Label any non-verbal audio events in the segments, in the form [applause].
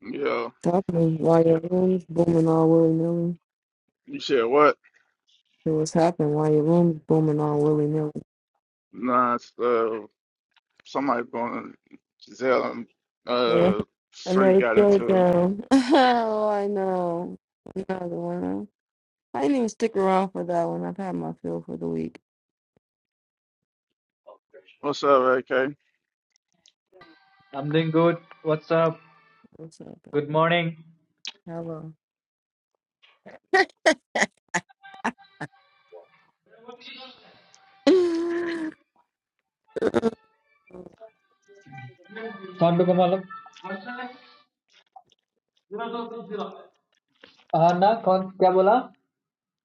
Yeah, It's happening while your room's booming all willy nilly. you said what? It was happening while your room's booming all willy nilly. Nah, it's, uh, somebody going Giselle and Yeah. uh, I Free know it's got go into down. [laughs] oh, I know. Another one. I didn't even stick around for that one. I've had my fill for the week. what's up, AK? I'm doing good. What's up? What's up? babe? Good morning. Hello. [laughs] कौन पे मालूम हाँ ना कौन क्या बोला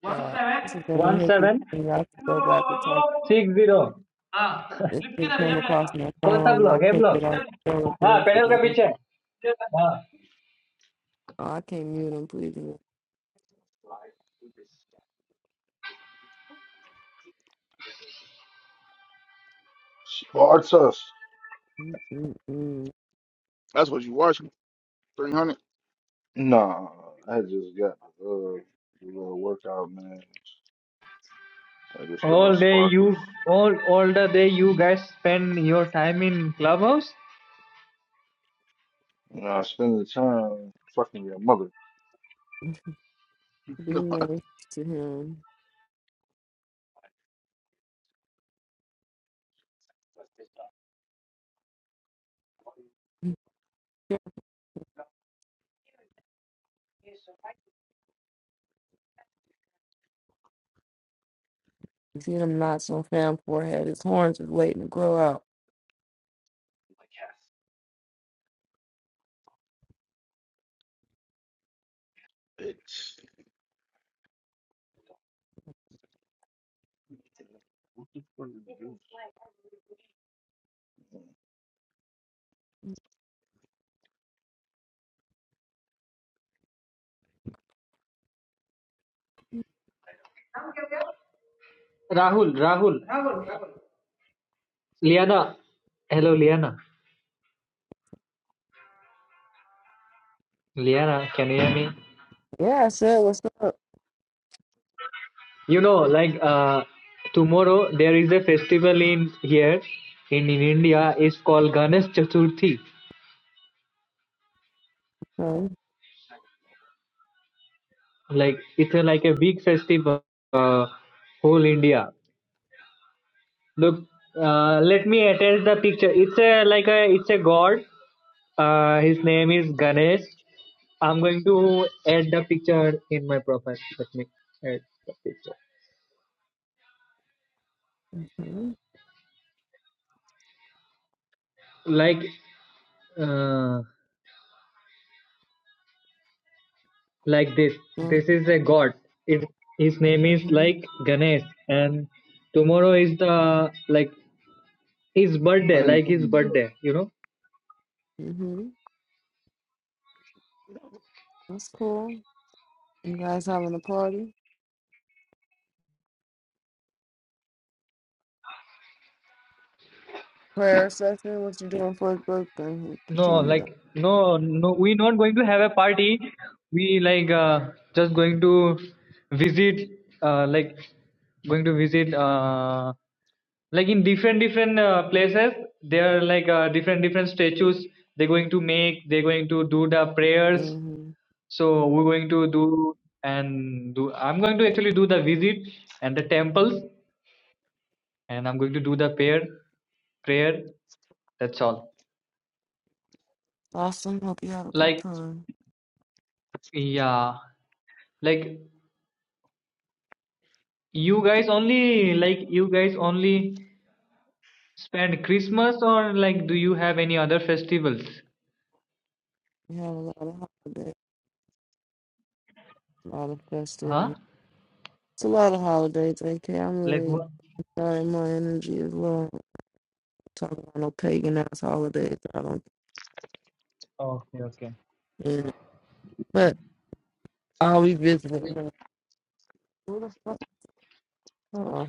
God, this is gonna one hit this seven thing. I have to go back and talk. Six zero It, it came across my कौन सा phone. and I ब्लॉक है clicked block it on the हाँ panel के Instagram. पीछे हाँ Oh, I can't mute him, please. Spartus. Mm-mm-mm. That's what you watching? 300? Nah, I just got uh, a little workout, man. I just got all All day you, sparkles. all all the day you guys spend your time in clubhouse. You know, I spend the time fucking your mother. Be [laughs] nice to him. [laughs] You See them knots on Fam's forehead. His horns is waiting to grow out. It's, Rahul, Rahul, Liana. Hello, Liana. Liana, can you hear me? Yeah, I said, what's up? You know, like uh, tomorrow there is a festival in here in, in India. It's called Ganesh Chaturthi. So, like it's a, like a big festival uh, whole india look uh, let me attach the picture it's a like a it's a god uh, his name is ganesh i'm going to add the picture in my profile let me add the picture hmm like uh, like this this is a god it, his name is hmm like ganesh and tomorrow is the like his birthday I ain't like his clean birthday you know hmm That's cool. You guys having a party? Prayer session? What you doing for his birthday? You No, tell me that. like no, no. We're not going to have a party. We like uh, just going to visit, uh, like going to visit, uh, like in different different uh, places. There are like uh, different different statues. They're going to make. They're going to do the prayers. hmm So we're going to do and do. I'm going to actually do the visit and the temples, and I'm going to do the prayer. Prayer. That's all. Awesome. Hope you have a good Like time. yeah, like You guys only like you guys only spend Christmas or like do you have any other festivals? We have a lot of holidays, a lot of Huh? festivities. It's a lot of holidays, AK. I'm Like really what? trying my energy as well. Talking about no pagan ass holidays. I don't. Okay, okay. Yeah. But I'll be visiting. Who the fuck? Huh.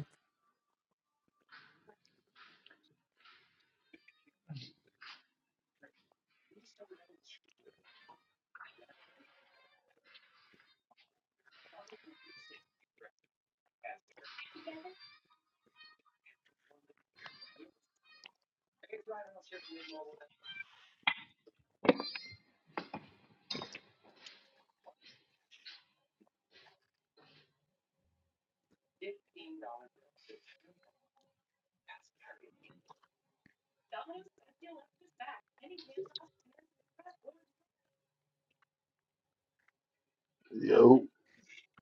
up.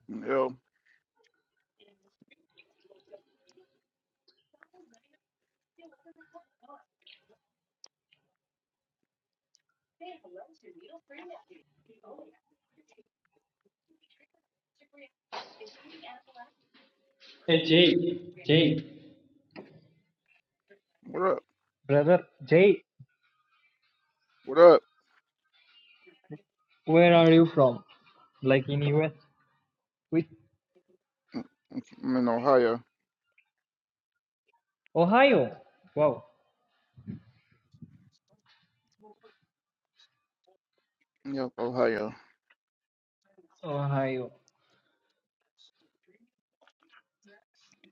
yo, Hey, Jay, Jay, what up? Brother Jay, What up? where are you from? Like in US? With I'm in Ohio. Ohio. Wow. Yep, Ohio. Ohio.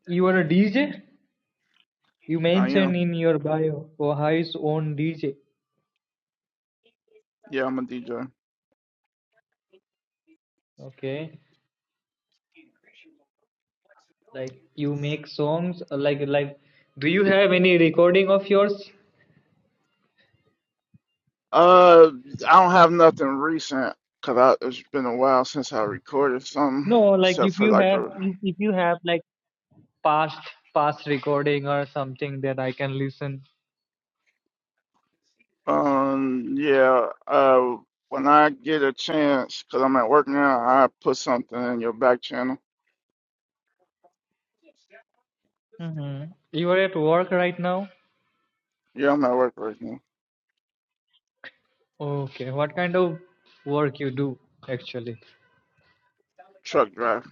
You are a DJ? You I mention am. in your bio Ohio's own DJ. Yeah, I'm a DJ. Okay. Like you make songs uh, like like Do you have any recording of yours? Uh, I don't have nothing recent because I it's been a while since I recorded something, No, like except if for you like have the if if you have like past past recording or something that I can listen. Um, yeah, uh, when I get a chance, because I'm at work now, I put something in your back channel. Mm-hmm. You are at work right now? Yeah, I'm at work right now. Okay. What kind of work you do actually? Truck drive.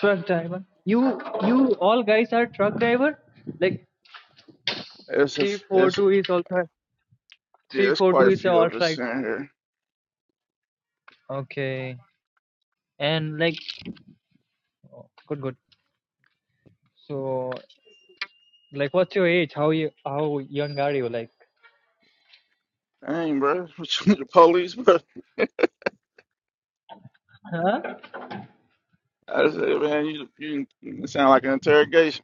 Truck driver. You you all guys are truck driver? Like It's a, three f- four it's, a- two is also yeah, three it's four two quite a is few all of us right. in here. Okay. And like good good. So like what's your age? How you how young are you like? Dang, bro, [laughs] what you the police, bro? Huh? I said, man, you, you, you sound like an interrogation.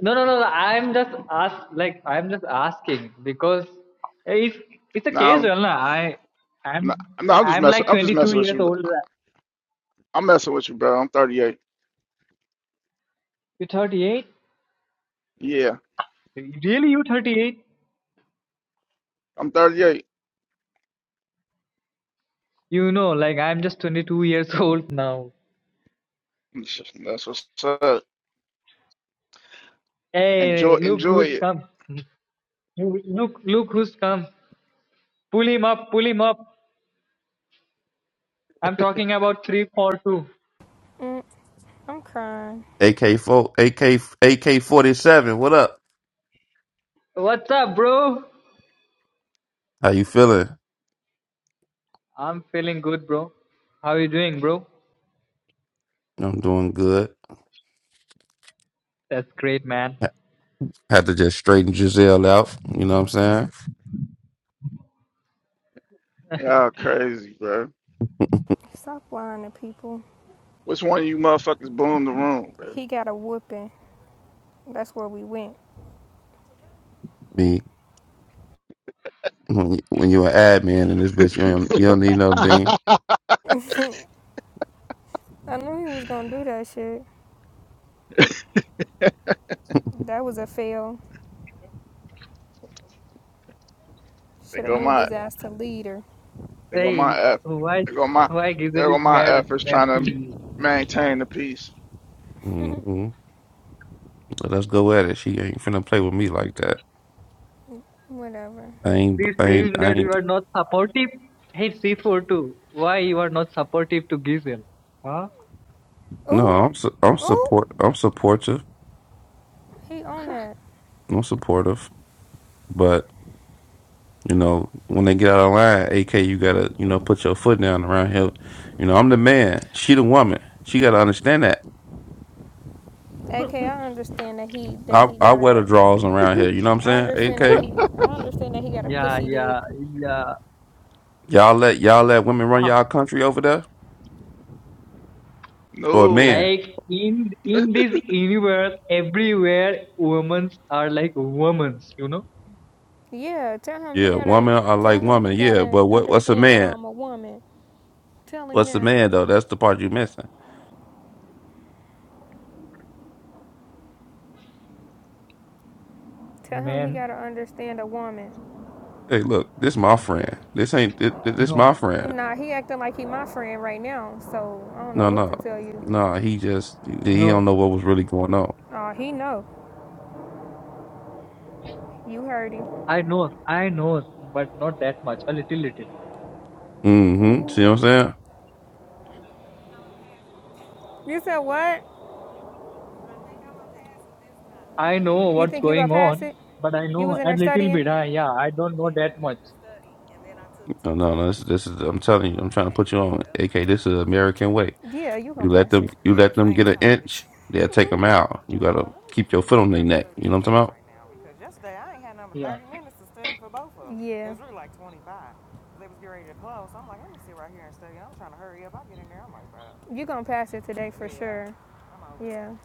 No, no, no. no, I'm just ask like I'm just asking because if it's a case, No, well, na, I no, I'm no, I'm just I'm messing, like I'm just 22 messing with years you, bro. old. I'm messing with you, bro. I'm 38. You 38? Yeah, Really, you 38? I'm 38. You know, like I'm just 22 years [laughs] old now. That's what's up. Enjoy, Hey, look enjoy who's it. come! [laughs] You- Look, look who's come! Pull him up, pull him up. I'm talking about 342. Mm, I'm crying. AK four, AK, AK forty seven. What up? What's up, bro? How you feeling? I'm feeling good, bro. How you doing, bro? I'm doing good. That's great, man. Ha- Had to just straighten Giselle out. You know what I'm saying? Y'all crazy, bro. Stop lying to people. Which one of you motherfuckers boomed the room? Man? He got a whooping. That's where we went. Be when you, when you an admin in this bitch, you don't, you don't need no bean. I knew he was gonna do that shit. That was a fail. They Should have go moved my, his ass to leader. they go my Hey, eff, why they go my, why they Gizel go is my mad efforts mad trying to to you? maintain the peace. Mm-hmm. Well, Let's go at it. She ain't finna play with me like that. Whatever. I ain't, He's I ain't, saying I that you ain't. are not supportive. Hey C4 too. Why you are not supportive to Gizel? Huh? No, Ooh, I'm, su- I'm ooh. support, I'm supportive. He on that. I'm supportive, but you know when they get out of line, AK, you gotta, you know, put your foot down around here. You know, I'm the man. She the woman. She gotta understand that. AK, [laughs] I understand that he that I he I got wear the a. draws around here. You know what I I'm saying? understand that AK, he. I understand that he got a Yeah, pussy dick. yeah, yeah. y'all let y'all let women run Huh. y'all country over there, or no, man? Like in in this universe, everywhere women are like women, you know? Yeah, tell him he Yeah, gotta. woman. I like Tell him he woman. Yeah, gotta but what what's a understand that man? I'm a woman. Tell him What's a that. man though? That's the part you missing. Tell him he Men. gotta understand a woman. Hey, look, this my friend. This ain't this, this No, my friend. Nah, he acting like he my friend right now, so I don't know No, what no, to tell you. no. He just he don't no. know what was really going on. Aw, he know. You heard him. I know, I know, but not that much. A little little. Mm-hmm. See what I'm saying? You said what? I know You what's think you gonna going pass on, it? but I You was know in a there little studying? bit. Huh? Yeah, I don't know that much. No, no, no. This, this is I'm telling you. I'm trying to put you on. AK, this is American way. Yeah, you gonna You let pass them it. you let them get an inch, they'll take them out. You gotta keep your foot on their neck. You know what I'm talking Yeah. Yeah, It you gonna pass it today for sure. I'm over it. Yeah.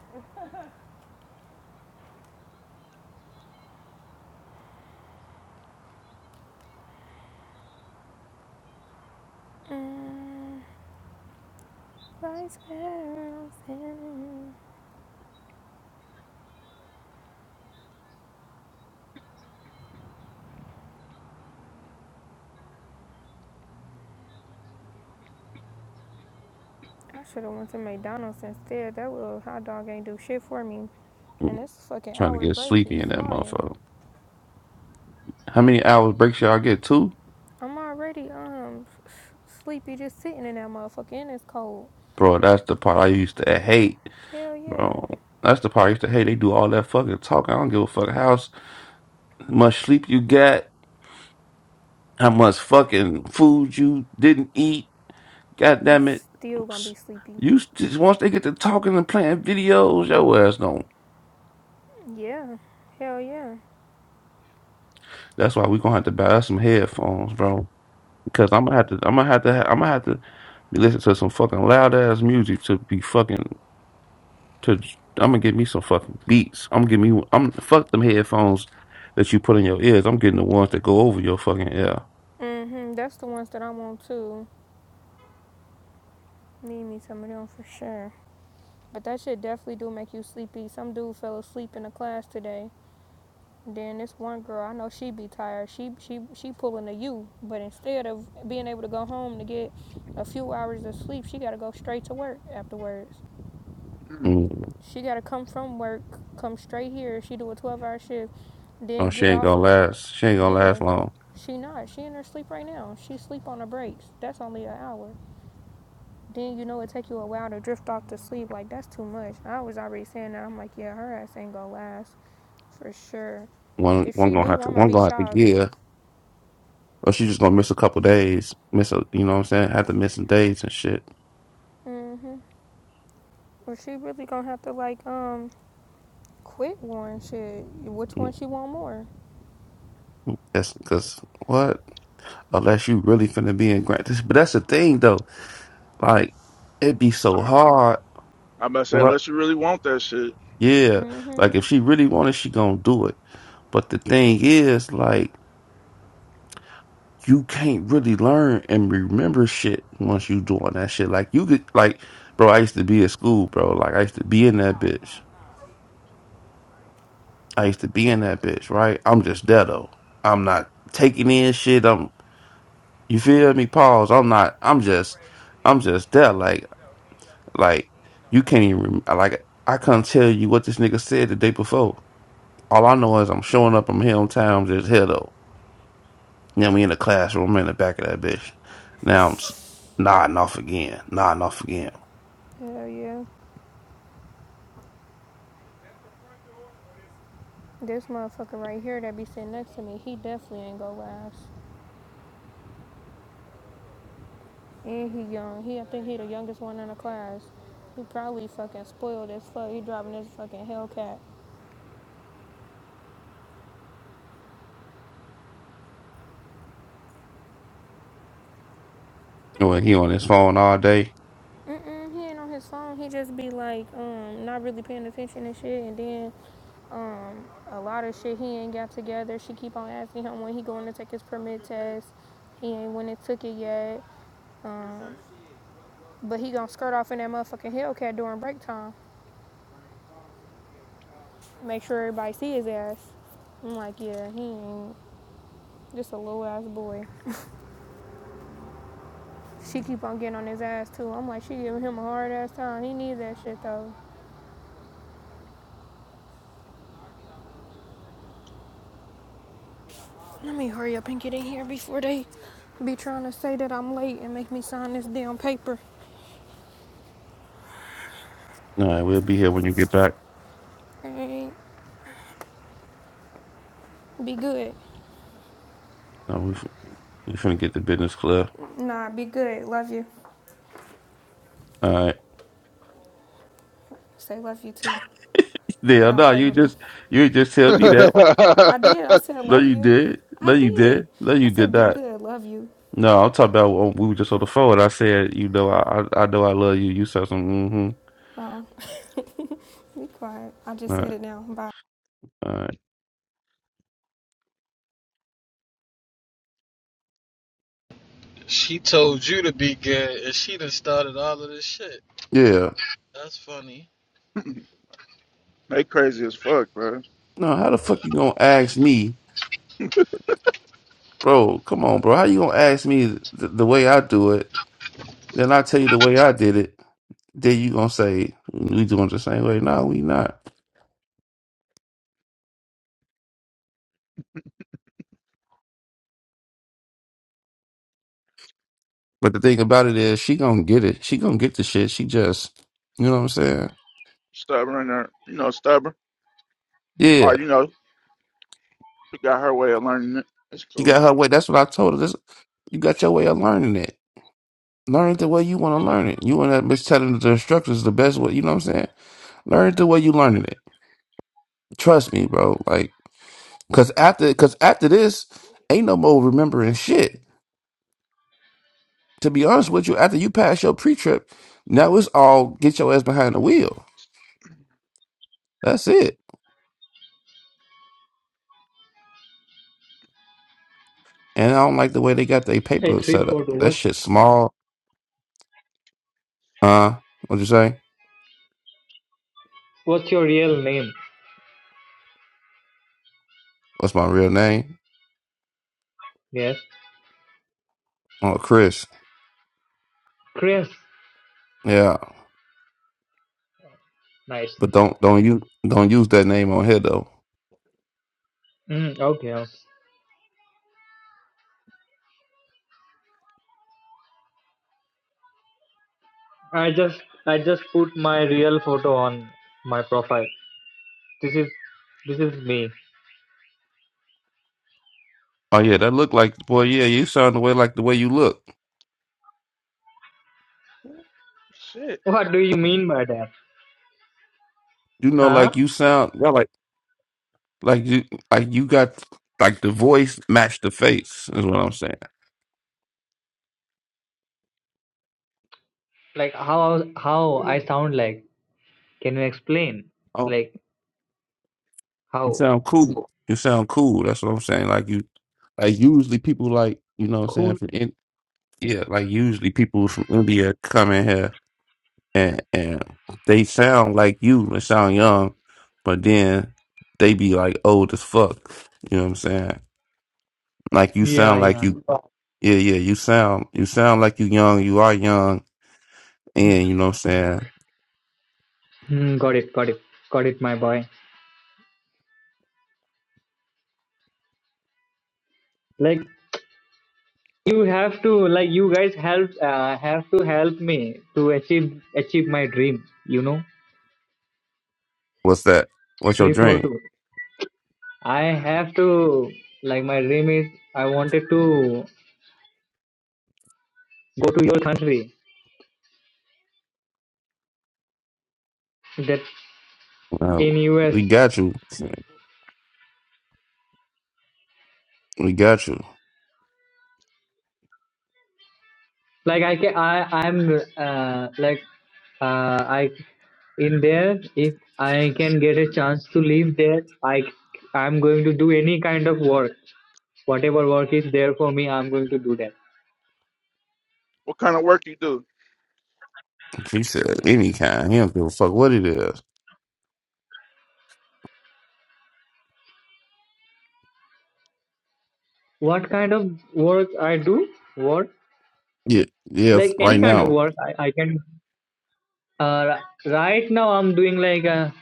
Mm, Vice Versa. I should have went to McDonald's instead. That little hot dog ain't do shit for me. about? And Mm. this fucking Trying to hour get break be sleepy in that flying. motherfucker. How many hours breaks y'all get two? I'm already um sleepy just sitting in that motherfucker and it's cold. Bro, that's the part I used to hate. Hell yeah. Bro. That's the part I used to hate. They do all that fucking talking. I don't give a fuck how s- much sleep you got, how much fucking food you didn't eat. God You damn it. still gonna be S- sleepy. You s- just once they get to talking and playing videos, your ass gone. Yeah. Hell yeah. That's why we gonna have to buy us some headphones, bro. Cause I'm gonna have to, I'm gonna have to, ha- I'm gonna have to be listening to some fucking loud ass music to be fucking to. I'm gonna get me some fucking beats. I'm gonna get me. I'm fuck them headphones that you put in your ears. I'm getting the ones that go over your fucking ear. Mm-hmm. That's the ones that I want too. Need me some of them for sure. But that shit definitely do make you sleepy. Some dude fell asleep in the class today. Then this one girl, I know she be tired. She she she pulling a U, but instead of being able to go home to get a few hours of sleep, she gotta go straight to work afterwards. Mm. Mm. She gotta come from work, come straight here. She do a twelve hour shift, Oh, then she get ain't off. gonna last. She ain't gonna last Yeah, long. she not. She in her sleep right now. She sleep on her breaks. That's only an hour. Then you know it take you a while to drift off to sleep. Like that's too much. I was already saying that. I'm like, yeah, her ass ain't gonna last for sure. One, If one she gonna do, have to. I'ma One be gonna have to shocked. give, or she just gonna miss a couple days. Miss a, you know what I'm saying? Have to miss some days and shit. Mhm. Or she really gonna have to like um quit one shit. Which Mm. one she want more? That's because what? Unless you really finna be in grant. But that's the thing though Like it'd be so I'm, hard. I'm about to say What? unless you really want that shit. Yeah. Mhm. Like if she really wanted, she gonna do it. But the thing is, like you can't really learn and remember shit once you doing that shit. Like you could, like bro, I used to be at school, bro. Like I used to be in that bitch. I used to be in that bitch. Right? I'm just dead though. I'm not taking in shit. I'm. You feel me? Pause. I'm not. I'm just. I'm just there. Like like you can't even rem- like I couldn't tell you what this nigga said the day before. All I know is I'm showing up in my hometown just here though. Then we in the classroom in the back of that bitch. Now I'm s- nodding off again, nodding off again. Hell yeah. This motherfucker right here that be sitting next to me, he definitely ain't gonna last. And he young. He I think he the youngest one in the class. He probably fucking spoiled as fuck. He driving this fucking Hellcat. Well, he on his phone all day. Mm-mm, he ain't on his phone. He just be like, um, not really paying attention and shit. And then, um, a lot of shit he ain't got together. She keep on asking him when he going to take his permit test. He ain't went and took it yet. Um, but he gonna skirt off in that motherfucking Hellcat during break time. Make sure everybody see his ass. I'm like, yeah, he ain't. Just a little ass boy. She keep on getting on his ass too. I'm like, she giving him a hard ass time. He needs that shit though. Let me hurry up and get in here before they be trying to say that I'm late and make me sign this damn paper. All right, we'll be here when you get back. Hey, be good. No, we f- we finna get the business clear. Nah, be good. Love you. All right. Say love you too. [laughs] Yeah, Don't no, play you with me. just you just tell me that. I did. I [laughs] said No, love you you. did. No, I you did. did. No, I you did said be not. good. Love you. No, I'm talking about when we were just on the phone. I said, you know, I I, I know I love you. You said some. Mm-hmm. Oh, be quiet. I just All said right, it now. Bye. all right. She told you to be good, and she done started all of this shit. Yeah. That's funny. they crazy as fuck, bro. No, how the fuck you gonna ask me? Bro, come on, bro. How you gonna ask me th- the way I do it? Then I tell you the way I did it. Then you gonna say we doing it the same way? No, we not. But the thing about it is, she gonna get it. She gonna get the shit. She just, you know what I'm saying? Stubborn or you know stubborn, Yeah, or you know she got her way of learning it. It's she got cool. her way. That's what I told her. This, you got your way of learning it. Learn it the way you want to learn it. You want to be telling the instructors the best way. You know what I'm saying? Learn it the way you learning it. Trust me, bro. Like, cause after, cause after this, ain't no more remembering shit. to be honest with you, after you pass your pre trip, now it's all get your ass behind the wheel. That's it. And I don't like the way they got their Hey, paper set Threepwood, up. That what, shit small. Uh, what'd you say? what's your real name? What's my real name? Yes. Oh, Chris. Chris. Yeah, Nice. but don't don't you don't use that name on here though. Mm, okay. okay. I just I just put my real photo on my profile. This is this is me. Oh yeah, that look like boy. Yeah, you sound the way like the way you look. Shit. What do you mean by that? You know, Huh? like you sound. Yeah, like like you like you got like the voice matched the face is what I'm saying. Like how how I sound like? Can you explain? Like You how sound cool. You sound cool. That's what I'm saying. Like you, like usually people like you know what I'm saying cool? from in yeah. Like usually people from India come in here and and they sound like you. They sound young, but then they be like old as fuck. You know what I'm saying? Like you Yeah, sound like yeah. you. Yeah, yeah. You sound you sound like you young. You are young, and you know what I'm saying. Hmm. got it, got it, got it, my boy. Like You have to like you guys help uh, have to help me to achieve achieve my dream. You know, What's that? What's your three four dream? two. I have to like my dream is I wanted to go to your country that Uh, in US. we got you. We got you. Like I can I I'm uh, like uh, I in there if I can get a chance to live there I I'm going to do any kind of work whatever work is there for me i'm going to do that What kind of work you do? He said any kind. He don't give a fuck what it is. what kind of work I do? What Yeah, yeah. like f- any Right kind of now, work I, I can. Uh, right now I'm doing like a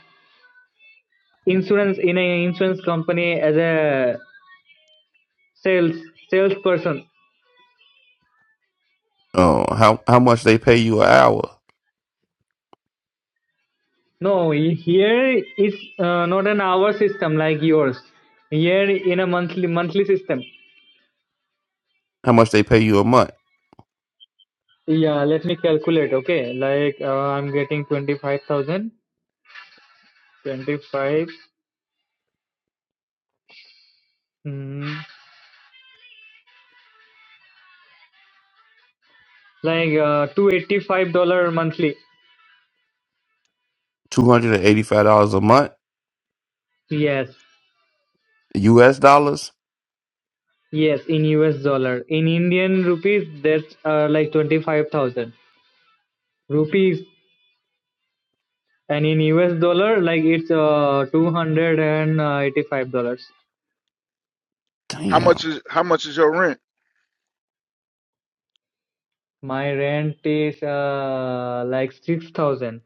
insurance in a insurance company as a sales salesperson. uh, how how much they pay you an hour? No, here is uh, not an hour system like yours. Here in a monthly monthly system. How much they pay you a month? Yeah, let me calculate. Okay, like uh, I'm getting twenty five thousand, twenty five, mm, like uh, two eighty five dollar monthly. Two hundred and eighty five dollars a month, Yes. U.S. dollars. Yes, in US dollar. In Indian rupees, that's uh, like 25,000 rupees. And in US dollar, like it's uh, $285. How much Damn, is how much is your rent? My rent is uh, like 6,000.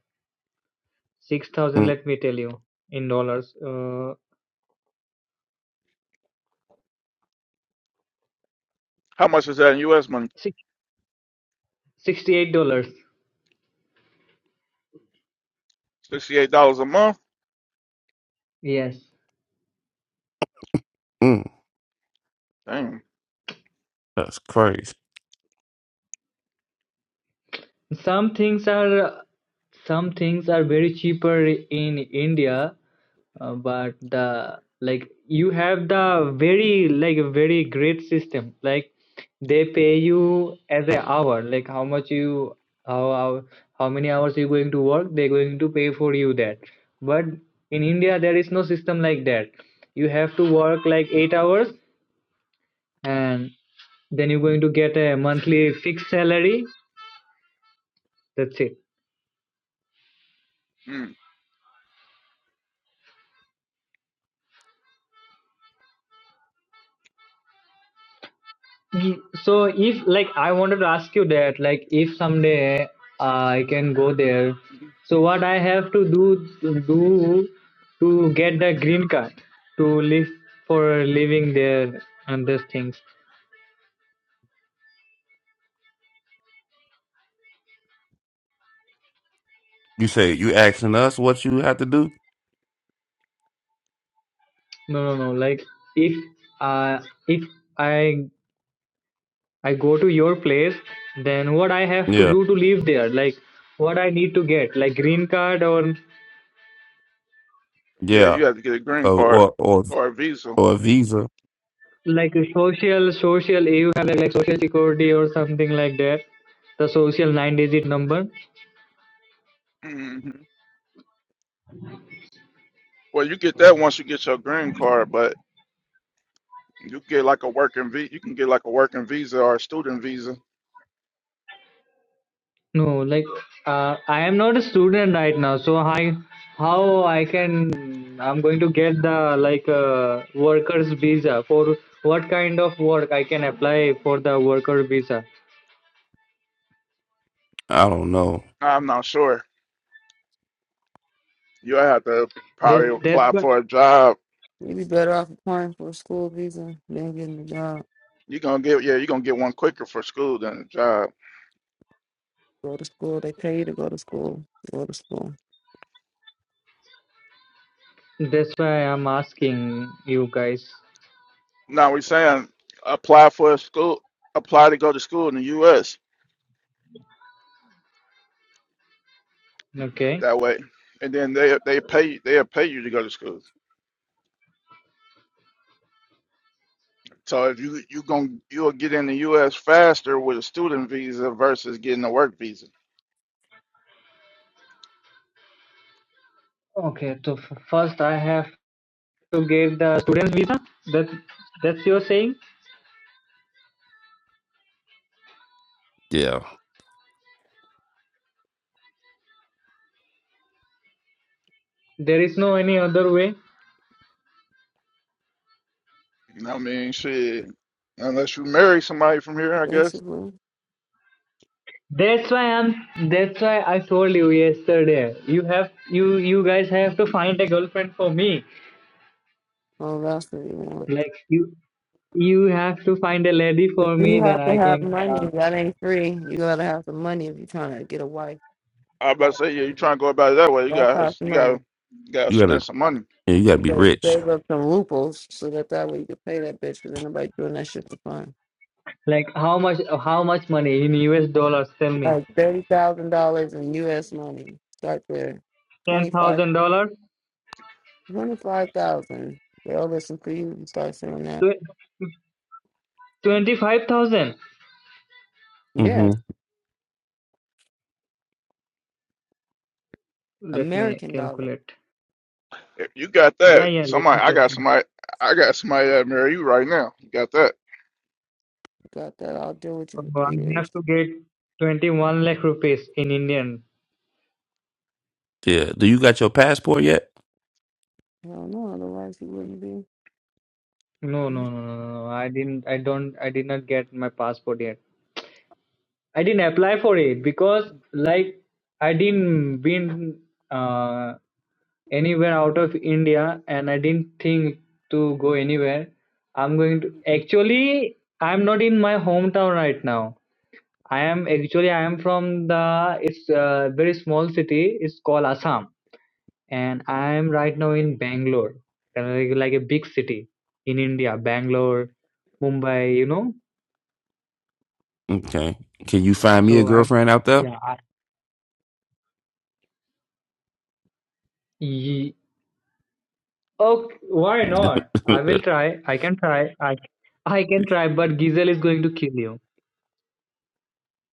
6,000, let me tell you, in dollars. Uh, How much is that in U.S. money? six sixty eight dollars Sixty-eight dollars a month. Yes. Mm-mm. Dang. that's crazy. Some things are some things are very cheaper in India, uh, but the like you have the very like very great system. Like they pay you as an hour, like how much you how how, how many hours you going to work, they're going to pay for you that. But in India there is no system like that. You have to work like eight hours and then you're going to get a monthly fixed salary. That's it. Mm. Ye- So if like I wanted to ask you that, like if someday uh, I can go there, so what I have to do to do to get the green card to live for living there and those things. You say you asking us what you have to do? No, no, no. Like if uh if I I go to your place, then what I have to Yeah, do to live there? Like what I need to get, like green card or Yeah, yeah. you have to get a green Or card or or, or a visa. or a visa? like a social social you have like social security or something like that the social nine digit number hmm Well, you get that once you get your green card, but you get like a working visa. You can get like a working visa or a student visa. no like uh, i am not a student right now so i how i can i'm going to get the like uh, workers visa for what kind of work i can apply for the worker visa I don't know. I'm not sure. You have to that's probably that's apply why for a job. You'd be better off applying for a school visa than getting a job. You're gonna get yeah, you're gonna get one quicker for school than a job. Go to school. They pay you to go to school. Go to school. that's why i'm asking you guys Now we're saying apply for a school, apply to go to school in the U.S. okay that way, and then they they pay they'll pay you to go to school. So if you you going you'll get in the U.S. faster with a student visa versus getting a work visa. okay so f- first i have to get the student visa that that's your saying Yeah, There is no any other way. You know what I mean? Shit, unless you marry somebody from here, I guess. Basically, That's why I'm. That's why I told you yesterday. You have you you guys have to find a girlfriend for me. all that's what you want. Like you you have to find a lady But for you me. Then have to I have can uh, money. That ain't free. You gotta have some money if you're trying to get a wife. I about to say, yeah, you That trying to go about it that way? You got costs you money. got you got to you spend gotta some money. yeah, you gotta You be gotta rich. save up some rupees so that that way you can pay that bitch. Cause ain't nobody doing that shit for fun. like how much how much money in US dollars? Tell me. Like thirty thousand dollars in U.S. money. Start there. Ten 25000 thousand dollars. 25,000. They'll listen for you and start saying that. Twenty five thousand. Yes, Mm-hmm. Let me American dollar. calculate. If you got Yeah that, yeah. Let somebody me I got calculate. somebody I got somebody that marry you right now. You got that? You got that. I'll deal with you Oh, for three I have years. to get twenty one lakh rupees in Indian. Yeah. Do you got your passport yet? I don't know. Otherwise, you wouldn't be. No, no, no, no, no. no. I didn't. I don't. I did not get my passport yet. I didn't apply for it because, like, I didn't been uh, anywhere out of India, and I didn't think to go anywhere. I'm going to. Actually, I'm not in my hometown right now. I am actually. I am from the. It's a very small city. It's called Assam and I'm right now in Bangalore, kind of like, like a big city in India, Bangalore, Mumbai, you know. Okay. Can you find me a So I'm, girlfriend out there? yeah, I, ye, okay, why [laughs] not? I will try. I can try. I, I can try, but Gizel is going to kill you.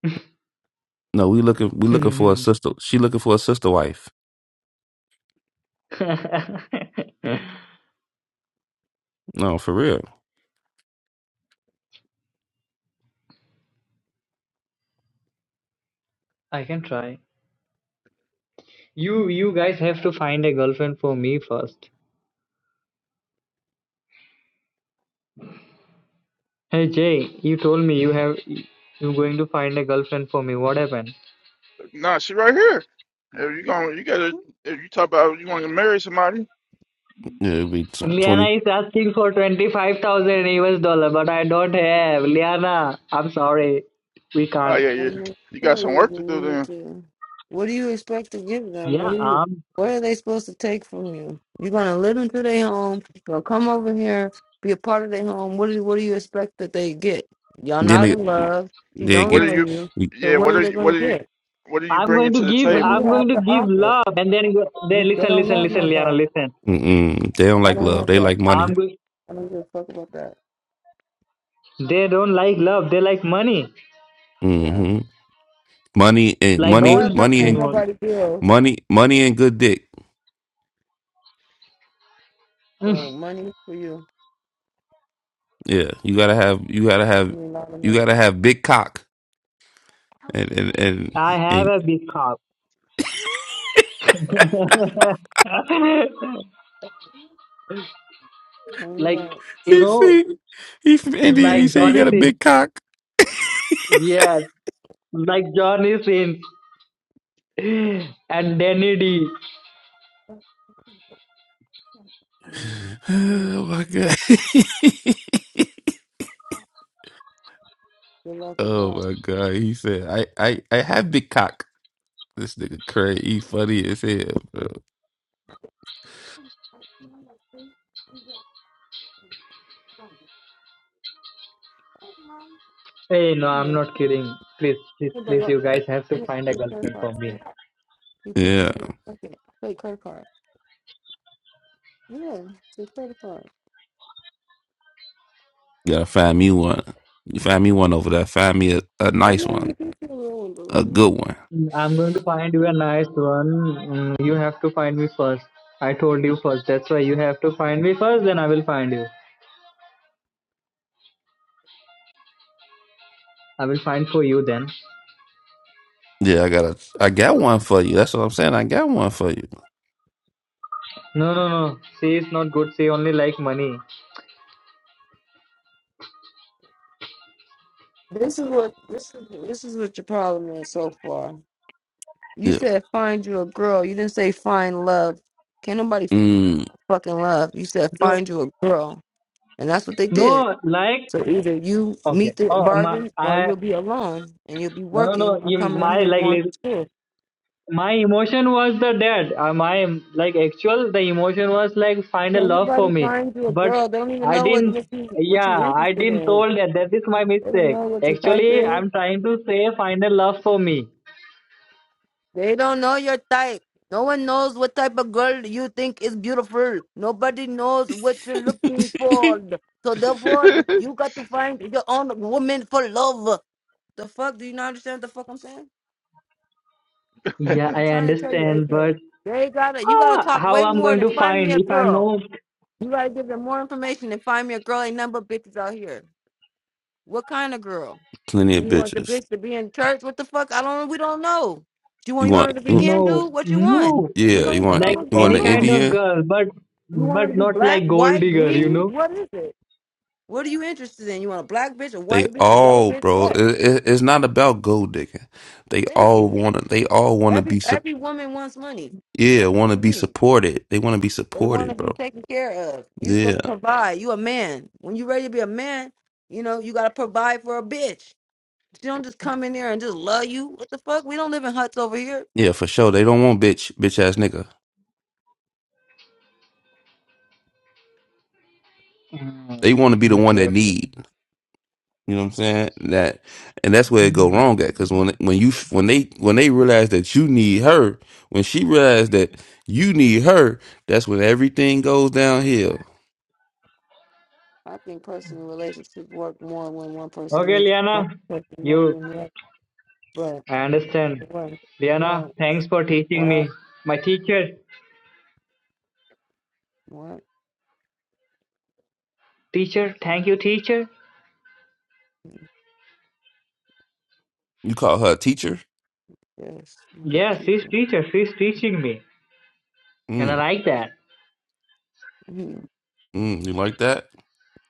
[laughs] no, we looking we looking for a sister. She looking for a sister wife. No, for real. I can try. You, you guys have to find a girlfriend for me first. Hey Jay, you told me you have, you're going to find a girlfriend for me. What happened? Nah, she right here. If you going you gotta if you talk about you want to marry somebody, Yeah, it'd be tw- Liana twenty. is asking for 25,000 US dollar, but I don't have. Liana, I'm sorry. We oh can't. yeah, yeah, I'm not you got sure some you work do. to do You need then. to. What do you expect to give them? What, Yeah, do you, um, what are they supposed to take from you? You're going to live into their home. You're going to come over here, be a part of their home. What do, what do you expect that they get? Y'all Then not they in love. She they don't What are get know you? you. So Yeah. what What are are they you? What going to are you? get? What are you I'm bringing going to to the give, What do you table? I'm going have to to give offer? love. And then, go- they We- They listen, don't listen, want listen, no Liana, love. listen. mm-mm, they don't I like don't love. want They that. like money. I'm going, I don't give a fuck about that. they don't like love. They like money, Yeah. hmm Money and like money, Love gold. don't money pay and No. nobody bills. money, money and good dick. Mm, So money for you. Yeah, you gotta have you gotta I have mean, not a you minute. gotta have big cock and and and. I have and a big cup. [laughs] Cleaned like, up. you he know, Um, see, he from India. He like said he Johnny got a Sins. big cock. Yes, like Johnny Sins [laughs] and Danny D. mm, [sighs] yeah. Oh my god! [laughs] Good luck with Oh that. my god, he said, "I, I, I have big cock." This nigga crazy, he funny as hell, bro. Okay. Hey, no, I'm not kidding. Please, please, Hey, but please, look. you guys have to Yeah, find a it's credit girlfriend card. for Yeah. me. You put this Yeah, in your pocket. Wait, credit card. Yeah, it's a credit card. gotta find me one. You find me one over there. Find me a, a I nice know one, you can feel old, but I a know. good one. Mm, I'm going to find you a nice one. Mm, You have to find me first. I told you first. That's why you have to find me first, then I will find you. I will find for you then. Yeah, I got a, I got one for you. That's what I'm saying. I got one for you. No, no, no. She is not good. She only like money. This is what this is this is what your problem is so far. You Yeah, said find you a girl. You didn't say find love. Can't nobody mm. fucking love. You said No, find you a girl. And that's what they did. no, like, So either you okay. meet the Oh, my, bargain or I, you'll be alone and you'll be no, no, working no. or You, coming out my, here and going to like, school. my emotion was the dad uh, my like actual the emotion was like find a Can't love for nobody me find you a but girl. They don't even i know what, didn't what you what you yeah i interested didn't in. told that that is my They don't mistake know what your type actually is. i'm trying to say find a love for me They don't know your type. No one knows what type of girl you think is beautiful. Nobody knows what you're looking [laughs] for. So therefore, [laughs] you got to find your own woman for love. The fuck? Do you not understand what the fuck I'm saying? yeah I'm i trying to tell you, understand AK. but They gotta. You gotta how, talk how way i'm more going than to find me find a if i'm girl. no You gotta give them more information than find me a girl. Ain't number bitches out here. What kind of girl? plenty of You want the bitches. bitch to be in church? What the fuck? I don't. We don't know. You You want you want want, her to be no Hindu? What you want? no We yeah, don't you even want, know like what's you want going any an kind on. of Indian? girl but You want her to but be not black, like gold white, digger you green? know What is it? What are you interested in? You want a black bitch, a They white bitch, a yellow all, bitch? bro. It, What? it, it's not about gold digging. They Thank all you. want to. They all want to Every be. every woman wants money. Yeah, Fuck want to you. be mean? supported. They want to be They want to supported, be bro. taken care of. You supposed Yeah. to provide. You a man. When you ready to be a man, you know you gotta provide for a bitch. She don't just come in there and just love you. What the fuck? We don't live in huts over here. Yeah, for sure. They don't want bitch, bitch ass nigga. Mm, They want to be the one okay, that okay. need. You know what I'm saying? That and that's where it go Hmm. wrong at. Because when when you when they when they realize that you need her, when she realized that you need her, that's when everything goes downhill. I think personal relationships work more when one person okay needs one liana person more you than the other. But I understand. what, Diana, what, thanks for teaching what, me. My teacher, what? teacher, thank you, teacher. You call her a teacher? Yes, I'm a Yes, she's teacher. teacher. She's teaching me, and I Mm, like that. Mhm. mm, you like that?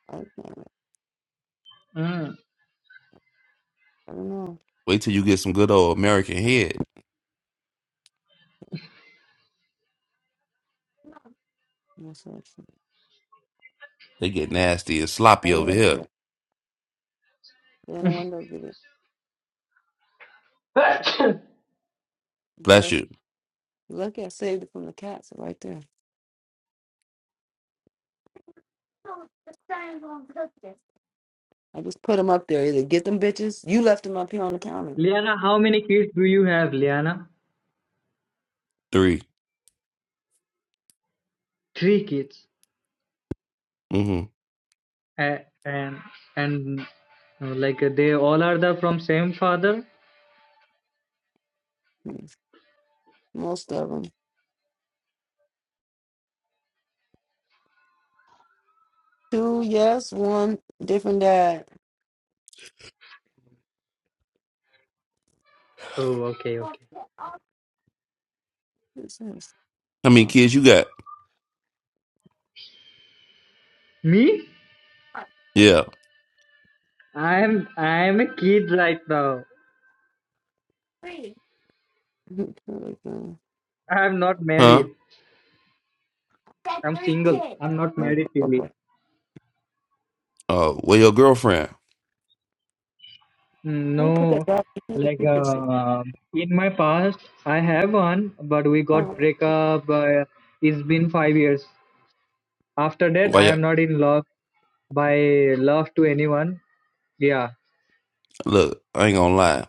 I, I Mm. don't know. Wait till you get some good old American head. What's up? They get nasty and I sloppy over up here. there. Go in the window, get it. [coughs] Bless Bless. you. Look, I saved it from the cats right there. I just put them up there. Either get them bitches. You left them up here on the counter. Liana, how many kids do you have, Liana? 3 Three kids, Mm-hmm. A- and and uh, like uh, they all are the from same father. Mhm. Most of them. Two yes, one different dad. Oh, okay, What's okay. This How many kids you got? Me? Yeah. I'm I'm a kid right now. Three. Mhm. I'm not Huh? married. I'm three single. kids. I'm not Let married, Tilly. Uh, well, your girlfriend. me put that No, back in like the dishes. uh, in my past, I have one, but we got Oh, break up. Uh, it's been five years. After that, Why? I ya am not in love by love to anyone. Yeah. look, I ain't gonna lie.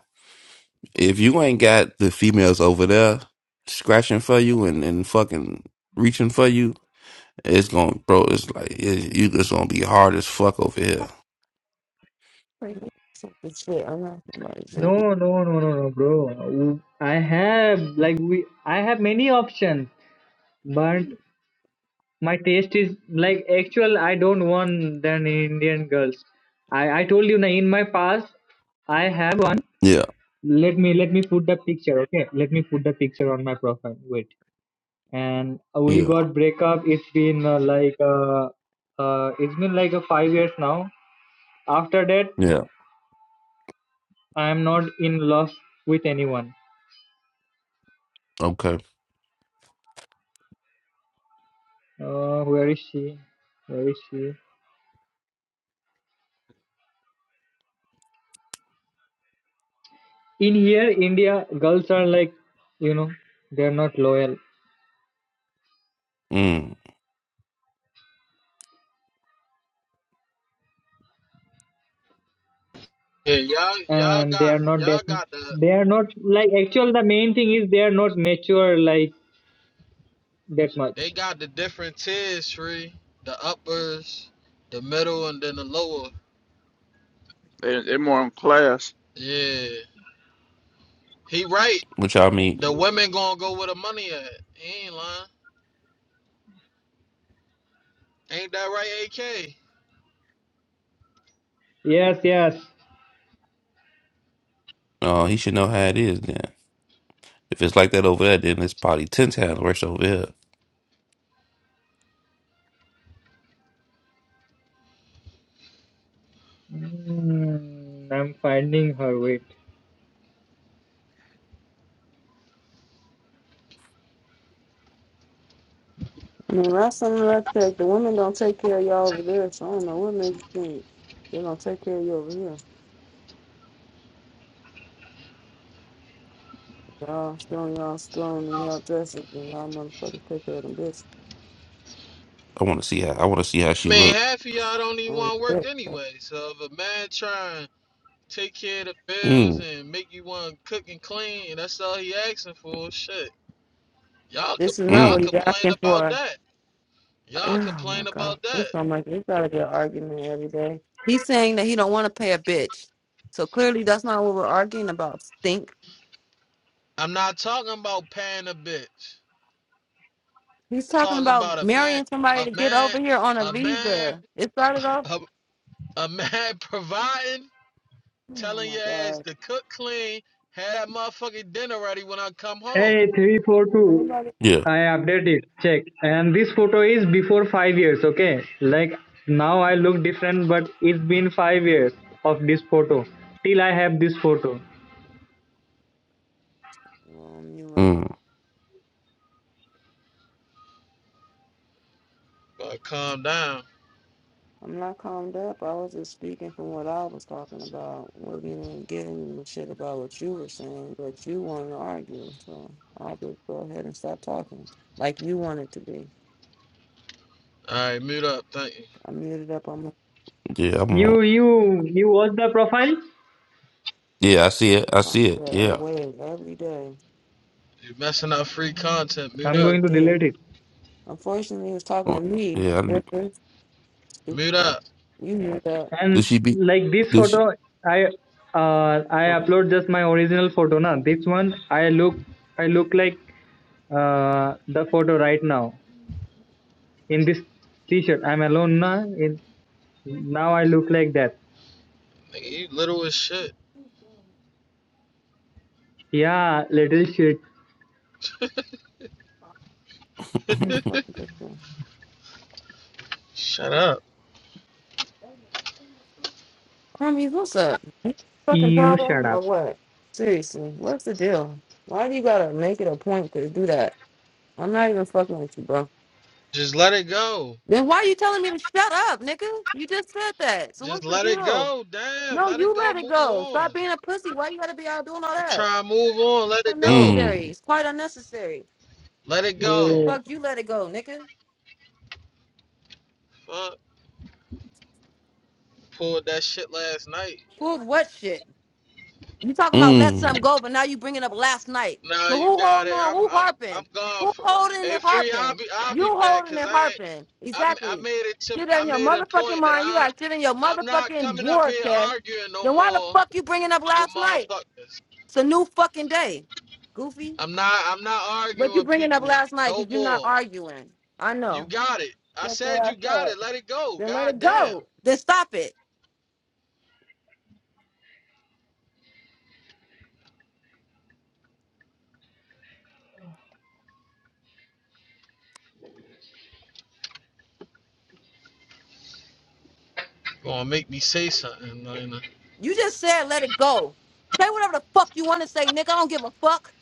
If you ain't got the females over there scratching for you and, and fucking reaching for you, it's gonna, bro. It's like it, you just gonna be hard as fuck over here. crazy. something shit. I'm not somebody. I No, no, no, no, no, bro. I have like we. I have many options, but my taste is like actual. I don't want than Indian girls. I I told you na in my past, I have one. Yeah, let me let me put the picture okay let me put the picture on my profile wait and we yeah, got breakup it's been uh, like uh, uh it's been like a five years now after that yeah. i am not in love with anyone Okay. uh where is she where is she in here india girls are like you know they're not loyal Mm. Yeah, y'all, y'all and they got, are not that y'all got the, they are not like actual the main thing is they are not mature like that they much got the different tiers, Shree. The uppers, the middle, and then the lower. They- They're more on class. Yeah, he right. Which I mean, The women gonna go where the money at. He ain't lying. Ain't that right, AK? yes yes uh, he should know how it is then. If it's like that over there, then it's probably ten times worse over here. Mm, I'm finding her. Wait. mean, last time I checked, the women don't take care of y'all over there, so I don't know what makes you think they're gonna take care of you over here. Y'all still y'all strong and y'all dresses and y'all motherfuckers take care of them bitches. I want to see how. I want to see how she Man, look. half of y'all don't even Um, want to work anyway. So if a man trying to take care of the bills Mm. and make you want to cook and clean, that's all he asking for. Shit. Y'all, this is not y'all what he's Mm. complain asking about for. that. Y'all Oh my complain god, about that. it's not like it's gotta be an argument every day. He's saying that he don't want to pay a bitch, so clearly that's not what we're arguing about. Stink. I'm not talking about paying a bitch. I'm He's talking talking about about a man, marrying somebody a to get man, over here on a a man, visa. It a, started off. a a man [laughs] providing, Oh telling my your ass god, to cook clean, have that motherfucking dinner ready when I come home. Hey, is 342. anybody? Yeah. I update it. Check. And this photo is before five years, okay? Like now I look different, but it's been five years of this photo. Till I have this photo. Um, you went. Mm. But calm down. I'm not calmed up. I was just speaking from what I was talking about. Wasn't even giving a shit about what you were saying, but you wanted to argue, so I'll just go ahead and stop talking, like you wanted to be. All right, mute up. Thank you. I muted up on my. Yeah. I'm on. You you you watch the profile? Yeah. I see it. I Yeah, see it. Yeah. away every day. You messing up free content. Mute I'm Be up. a going to dick. delete it. Unfortunately, he was talking to Oh, me. yeah, I didn't, Mhm. Stupid. Mute fuck. up. You knew that. And did she be? like this Did she? photo, I uh I Fucking upload just my original photo now. This one I look I look like uh the photo right now. in this t-shirt. I'm alone now. In, now I look like that. Nigga, you little as shit. Yeah, little shit. [laughs] picture. Shut up. Homies, what's up? Fucking You shut problem up. or what? Seriously, what's the deal? Why do you gotta make it a point to do that? I'm not even fucking with you, bro. Just let it go. Then why you telling me to shut up, nigga? You just said that. So Just what's the let it deal? go. Damn, No, let it you go. let it Move go. on. Stop being a pussy. Why you gotta be out doing all I'm that? trying to move on. Let it go. Unnecessary. Mm, It's quite unnecessary. Let it The go. Yeah. fuck you let it go, nigga. Fuck. Pulled that shit last night. Pulled what shit? You talking about let something mm, go, but now you bringing up last night. Nah, So you who got holding it. on? I'm Who I'm I'm harping? gone. Who For, holding hey, and free. I'll harping? be I'll You be back. holding Cause and I ain't- harping. I I Exactly. made it to Get I in your made a motherfucking point that mind. You I got shit in your I'm not motherfucking coming up war here chest. arguing no Then why the more fuck you bringing up with last night? motherfuckers. It's a new fucking day. Goofy. I'm not I'm not But arguing you with bringing up people last night no because you're not more. arguing. I You know. got it. I Shut your said ass you got up. it. Let it go. Then let God it damn go. Then stop it. gonna make me say something. Like, You just said let it go. Say whatever the fuck you want to say, nigga. I don't give a fuck.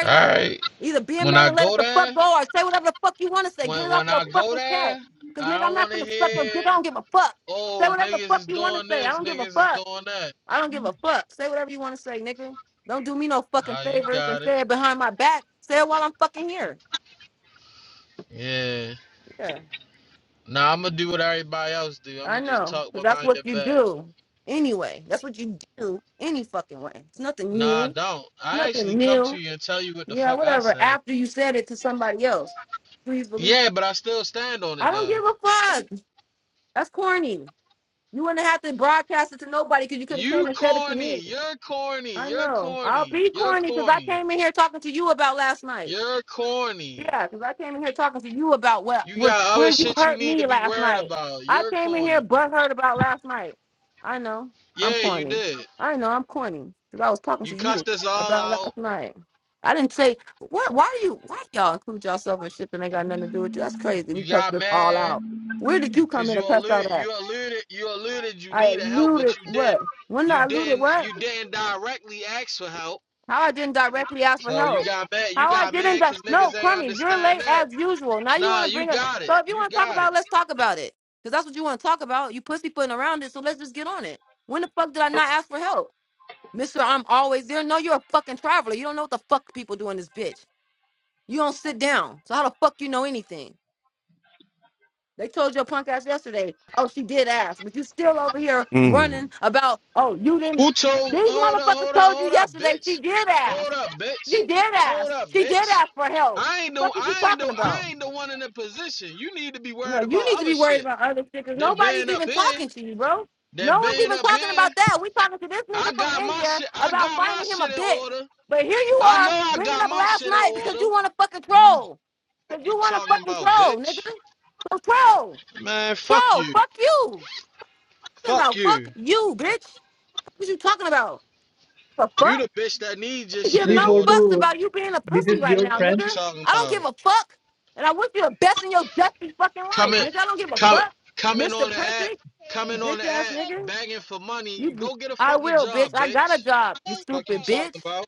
All up. right. Either be a When man I and let it go the fuck there, go or say whatever the fuck you want to say. Get when it off when I your go fucking there, chest. Because, I nigga, I'm don't want not to finna suck your dick. hear, I don't give a fuck. Say oh whatever the niggas fuck is you want to doing say. I this, don't give a niggas is fuck. doing that. I don't give a fuck. Say whatever you want to say, nigga. Don't do me no fucking Nah, you favors and got it. say it behind my back. Say it while I'm fucking here. Yeah. Yeah, Nah, I'm gonna do what everybody else do. I'm I gonna just know. talk Because that's behind what your you back. do. Anyway, that's what you do any fucking way. It's nothing Nah, I new. don't. I actually Nothing come new. to you and tell you what the Yeah, fuck I whatever. said. After you said it to somebody else, please believe. it. Yeah, but I still stand on I it don't though. give a fuck. That's corny. You wouldn't have to broadcast it to nobody because you could have You came and said it to corny. me. You're corny. I You're know. I'll corny. be You're corny because I corny. came in here talking to you about last night. You're corny. Yeah, because I came in here talking to you about what You where, got other where you shit you hurt need to me be last worried night. about. I You're came in here corny. butt hurt about last night. I know. I'm Yeah, you corny. did. I know I'm corny. Because I was talking You to you cussed us all about out. last night. I didn't say what why do you why y'all include yourself in shit that ain't got nothing to do with you? That's crazy. We You cussed got this all mad out. Where did you come because in you and cuss alluded, out at? you alluded, you alluded you I needed help, but alluded you what? didn't. When You I alluded didn't. what? You didn't directly ask for help. How I didn't directly ask for So you help. got mad. You How I got mad didn't. Di- because no, niggas ain't Crummy, you're understand late that. as usual. Now you Nah, want to you bring a. got it. So if you You want to talk got it. about, it, let's talk about it. Cause that's what you want to talk about. You pussyfooting around it. So let's just get on it. When the fuck did I not ask for help, Mister? I'm always there. No, you're a fucking traveler. You don't know what the fuck people do in this bitch. You don't sit down. So how the fuck you know anything? They told your punk ass yesterday, oh, she did ask, but you still over here running mm, about, oh, you didn't. Who told? These Hold up, motherfuckers hold up, told you hold up, yesterday she bitch. did ask. Hold up, bitch. She did Hold ask. up, She did bitch. ask for help. I ain't no, What are you I ain't talking no, about? I ain't the one in the position. You need to be No, worried you need about to other be worried shit about other stickers. than Nobody's being up even here, talking to you, bro. than No one's being even up talking here. about that. We talking to this I nigga from got my India shit. I about got my finding him a shit in bitch. order. But here you I know are I bringing got up my last shit in night because order. you want to fucking troll. Because You you want to talking fucking about troll, bitch? nigga. So troll. Man, fuck Bro, you. fuck you. Talking Fuck about fuck you. you, bitch. What you talking about? The You fuck? the bitch that needs your I give shit in no order. fucks 342, about you being a this pussy is right your now, Fuck you friend. nigga. talking I don't give about? a fuck. And I wish you the best in your dusty fucking life, Coming, nigga. I don't give a coming, fuck. coming Mr. on the app, Perfect, you coming on bitch the ass app, nigga. begging for money. You Go get a I fucking will, bitch. job, I got a bitch. job, you Fuck you stupid talking bitch. about?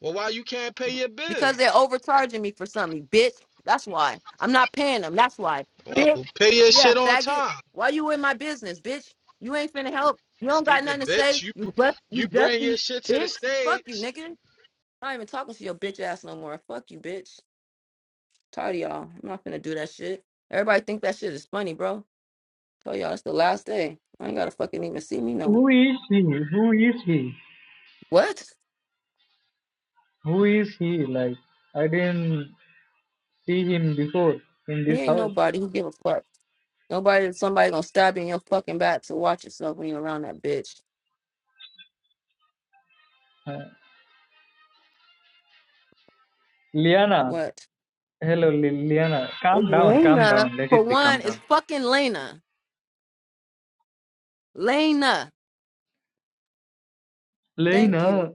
Well, why you can't pay your Because bills? they're overcharging me for something, bitch. That's why. I'm not paying them. That's why. Bitch. Oh, pay your Yeah, shit on faggot. time. Why you in my business, bitch? You ain't finna help. You don't got Stupid nothing to bitch. say. You, You bust you you bring your dusty shit to the bitch. Fuck you, stage. nigga. I'm not even talking to your bitch ass no more. Fuck you, bitch. Tired of y'all. I'm not finna do that shit. Everybody think that shit is funny, bro. Tell y'all it's the last day. I ain't gotta fucking even see me no more. Who is he? Who is he? What? Who is he? Like, I didn't see him before in He this ain't house. nobody who give a fuck. Nobody somebody gonna stab you in your fucking back to watch yourself when you're around that bitch. Uh, Liana. What? Hello, Li- Liana. It's Calm down, calm Lena. down. Let it For be, calm one, it's down. fucking Lena. Lena. Thank you. Lena,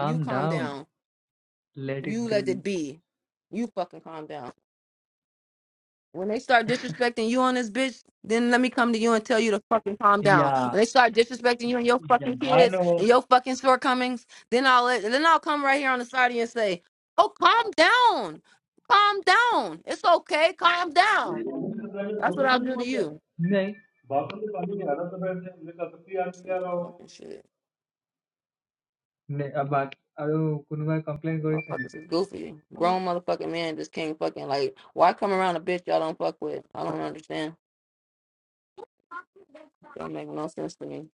You calm down. down. Let it You let be. it be. You fucking calm down. When they start disrespecting you on this bitch, then let me come to you and tell you to fucking calm down. Yeah, When they start disrespecting you and your yeah fucking I kids know. and your fucking shortcomings, then I'll let, then I'll come right here on the side of you and say, "Oh, calm down, calm down. It's okay. Calm down." That's what I'll do to you. Like, Stupid fucking shit. নে বাক আৰু কোনোবাই complain কৰিছে Motherfuckers নেকি? is goofy. Grown motherfucking man just can't fucking like. Why come around a bitch y'all don't fuck with? I don't understand. Don't make no sense to me.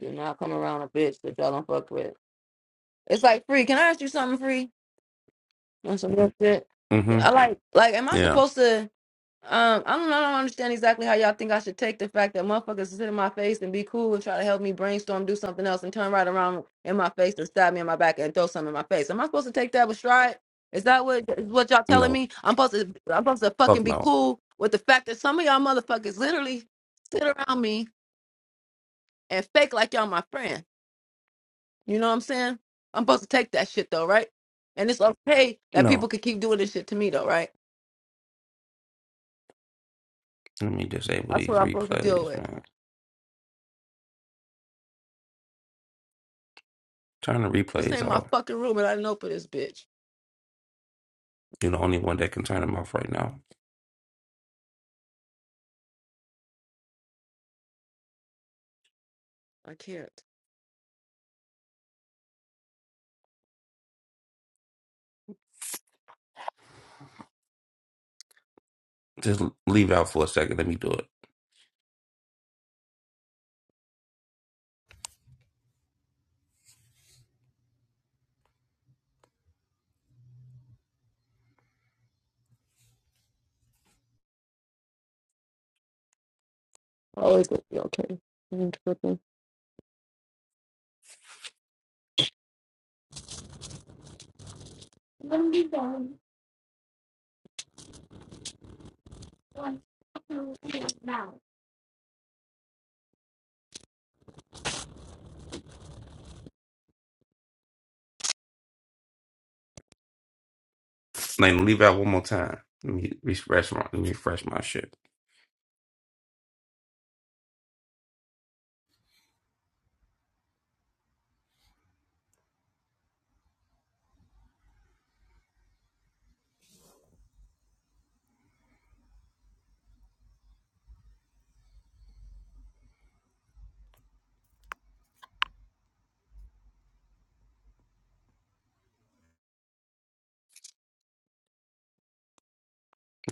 Do not come around a bitch that y'all don't fuck with. It's like free. Can I ask you something free? On some real shit. mm-hmm. I like like. Am I Yeah, supposed to? Um, I don't know. I don't understand exactly how y'all think I should take the fact that motherfuckers is in my face and be cool and try to help me brainstorm, do something else, and turn right around in my face and stab me in my back and throw something in my face. Am I supposed to take that with stride? Is that what is what y'all telling no, me? I'm supposed to I'm supposed to fucking fuck be no, cool with the fact that some of y'all motherfuckers literally sit around me and fake like y'all my friend. You know what I'm saying? I'm supposed to take that shit though, right? And it's okay that no. people could keep doing this shit to me though, right? Let me disable That's what these I'm supposed to deal replays, with. man. Turn the This replays ain't my off. fucking room and I didn't open this bitch. You're the only one that can turn them off right now. I can't. Just leave out for a second. Let me do it. Always gonna be okay. I'm tripping. I'm Let me leave out one more time. Let me refresh my, let me refresh my shit.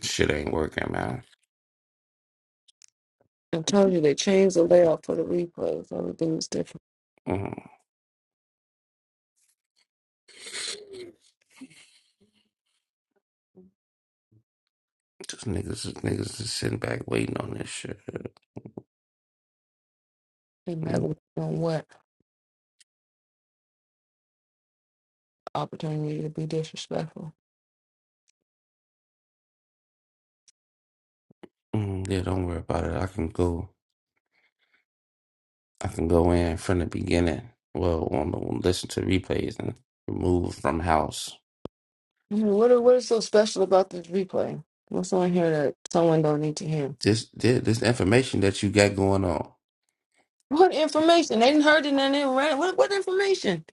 Shit ain't working, man. telling you, they changed the layout for the replays. Everything's different. Mm, just niggas, niggas just sitting back waiting on this shit. They back Mm, with on what opportunity to be disrespectful. mm, yeah, don't worry about it. I can go. I can go in from the beginning. Well, on the listen to replays and remove from house. I mean, what what is so special about this replay? What's on here that someone don't need to hear? This thi- this information that you got going on. What information? They didn't heard it and they ran. it. What what information?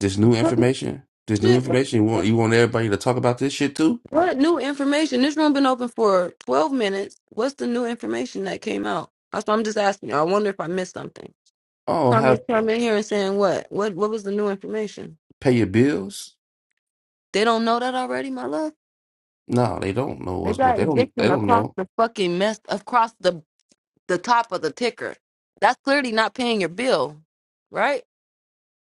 This new information. This new Shit. What information. You want you want everybody to talk about this shit too. what new information? This room been open for twelve minutes. What's the new information that came out? That's what I'm just asking. you. I wonder if I missed something. Oh, how Crummy come in here and saying what? What what was the new information? pay your bills? They don't know that already, my love? No, they don't know They what's going. got They don't. They eviction don't across know the fucking mess across the the top of the ticker. That's clearly not paying your bill. Right?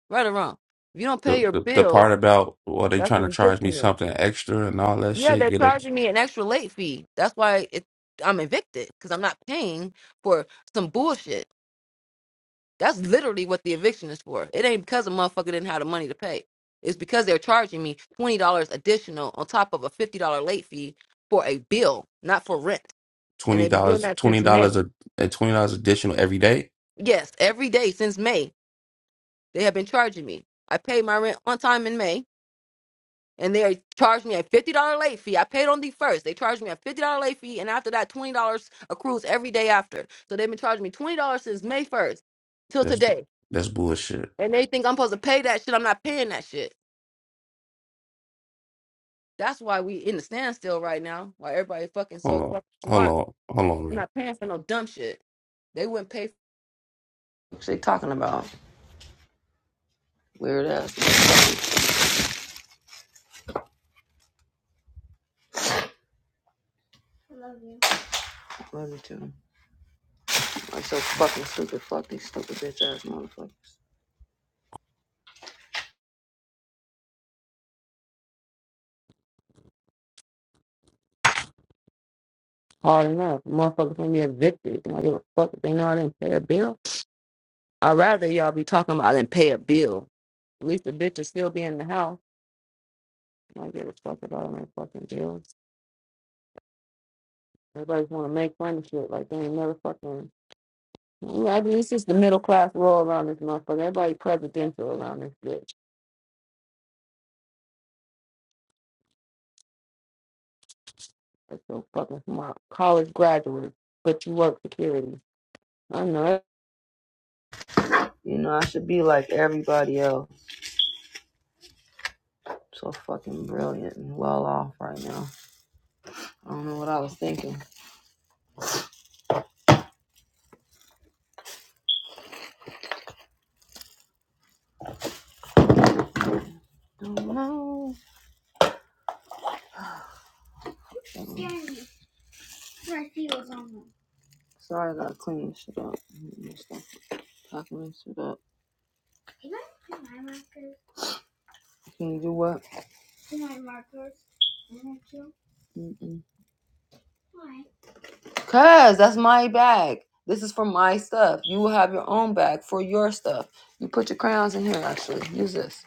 Right or wrong. If you don't the pay your the, the bill, part about well, they that's trying what to charge me eviction is. something extra and all that Yeah, shit. they're Get a charging me an extra late fee. That's why it, I'm evicted because I'm not paying for some bullshit. That's literally what the eviction is for. It ain't because a motherfucker didn't have the money to pay. It's because they're charging me twenty dollars additional on top of a fifty dollar late fee for a bill, not for rent. And twenty they've been doing dollars, that twenty since dollars May. a a twenty dollars additional every day. Yes, every day since May, they have been charging me. I paid my rent on time in May, and they charged me a fifty dollar late fee. I paid on the first. They charged me a fifty dollar late fee, and after that, twenty dollars accrues every day after. So they've been charging me twenty dollars since May first till That's today, that's bullshit. and they think I'm supposed to pay that shit. I'm not paying that shit. That's why we in the standstill right now. Why everybody fucking Hold so on, fucking hold smart. on, hold on, We're Rick. not paying for no dumb shit. They wouldn't pay for what they talking about. Weird ass. Love you too. I'm so fucking stupid. Fuck these stupid bitch ass motherfuckers. Hard enough. Motherfuckers gonna be evicted. I don't give a fuck if they know I didn't pay a bill. I'd rather y'all be talking about I didn't pay a bill. At least the bitch will still be in the house. I don't give a fuck about all my fucking bills. Everybody's wanna make fun of shit like they ain't never fucking Like, this is the middle class roll around this motherfucker. Everybody presidential around this bitch. That's so fucking smart. College graduate, but you work security. I know it. You know, I should be like everybody else. So fucking brilliant and well off right now. I don't know what I was thinking. I don't know. Um, Sorry, I gotta clean this shit up. Mm, Packing this shit up. Can you do what? Mm-mm. Cause that's my bag. This is for my stuff. You will have your own bag for your stuff. You put your crayons in here. Actually, use this.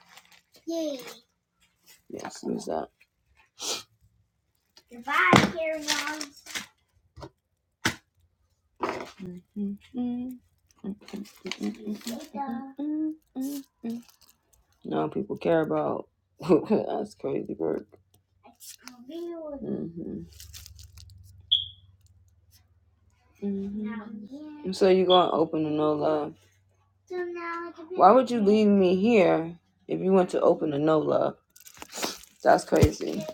Yes, use that. No people care about. [laughs] that's crazy work. hmm So you're gonna open the no love. Why would you leave me here if you went to open the no love? That's crazy.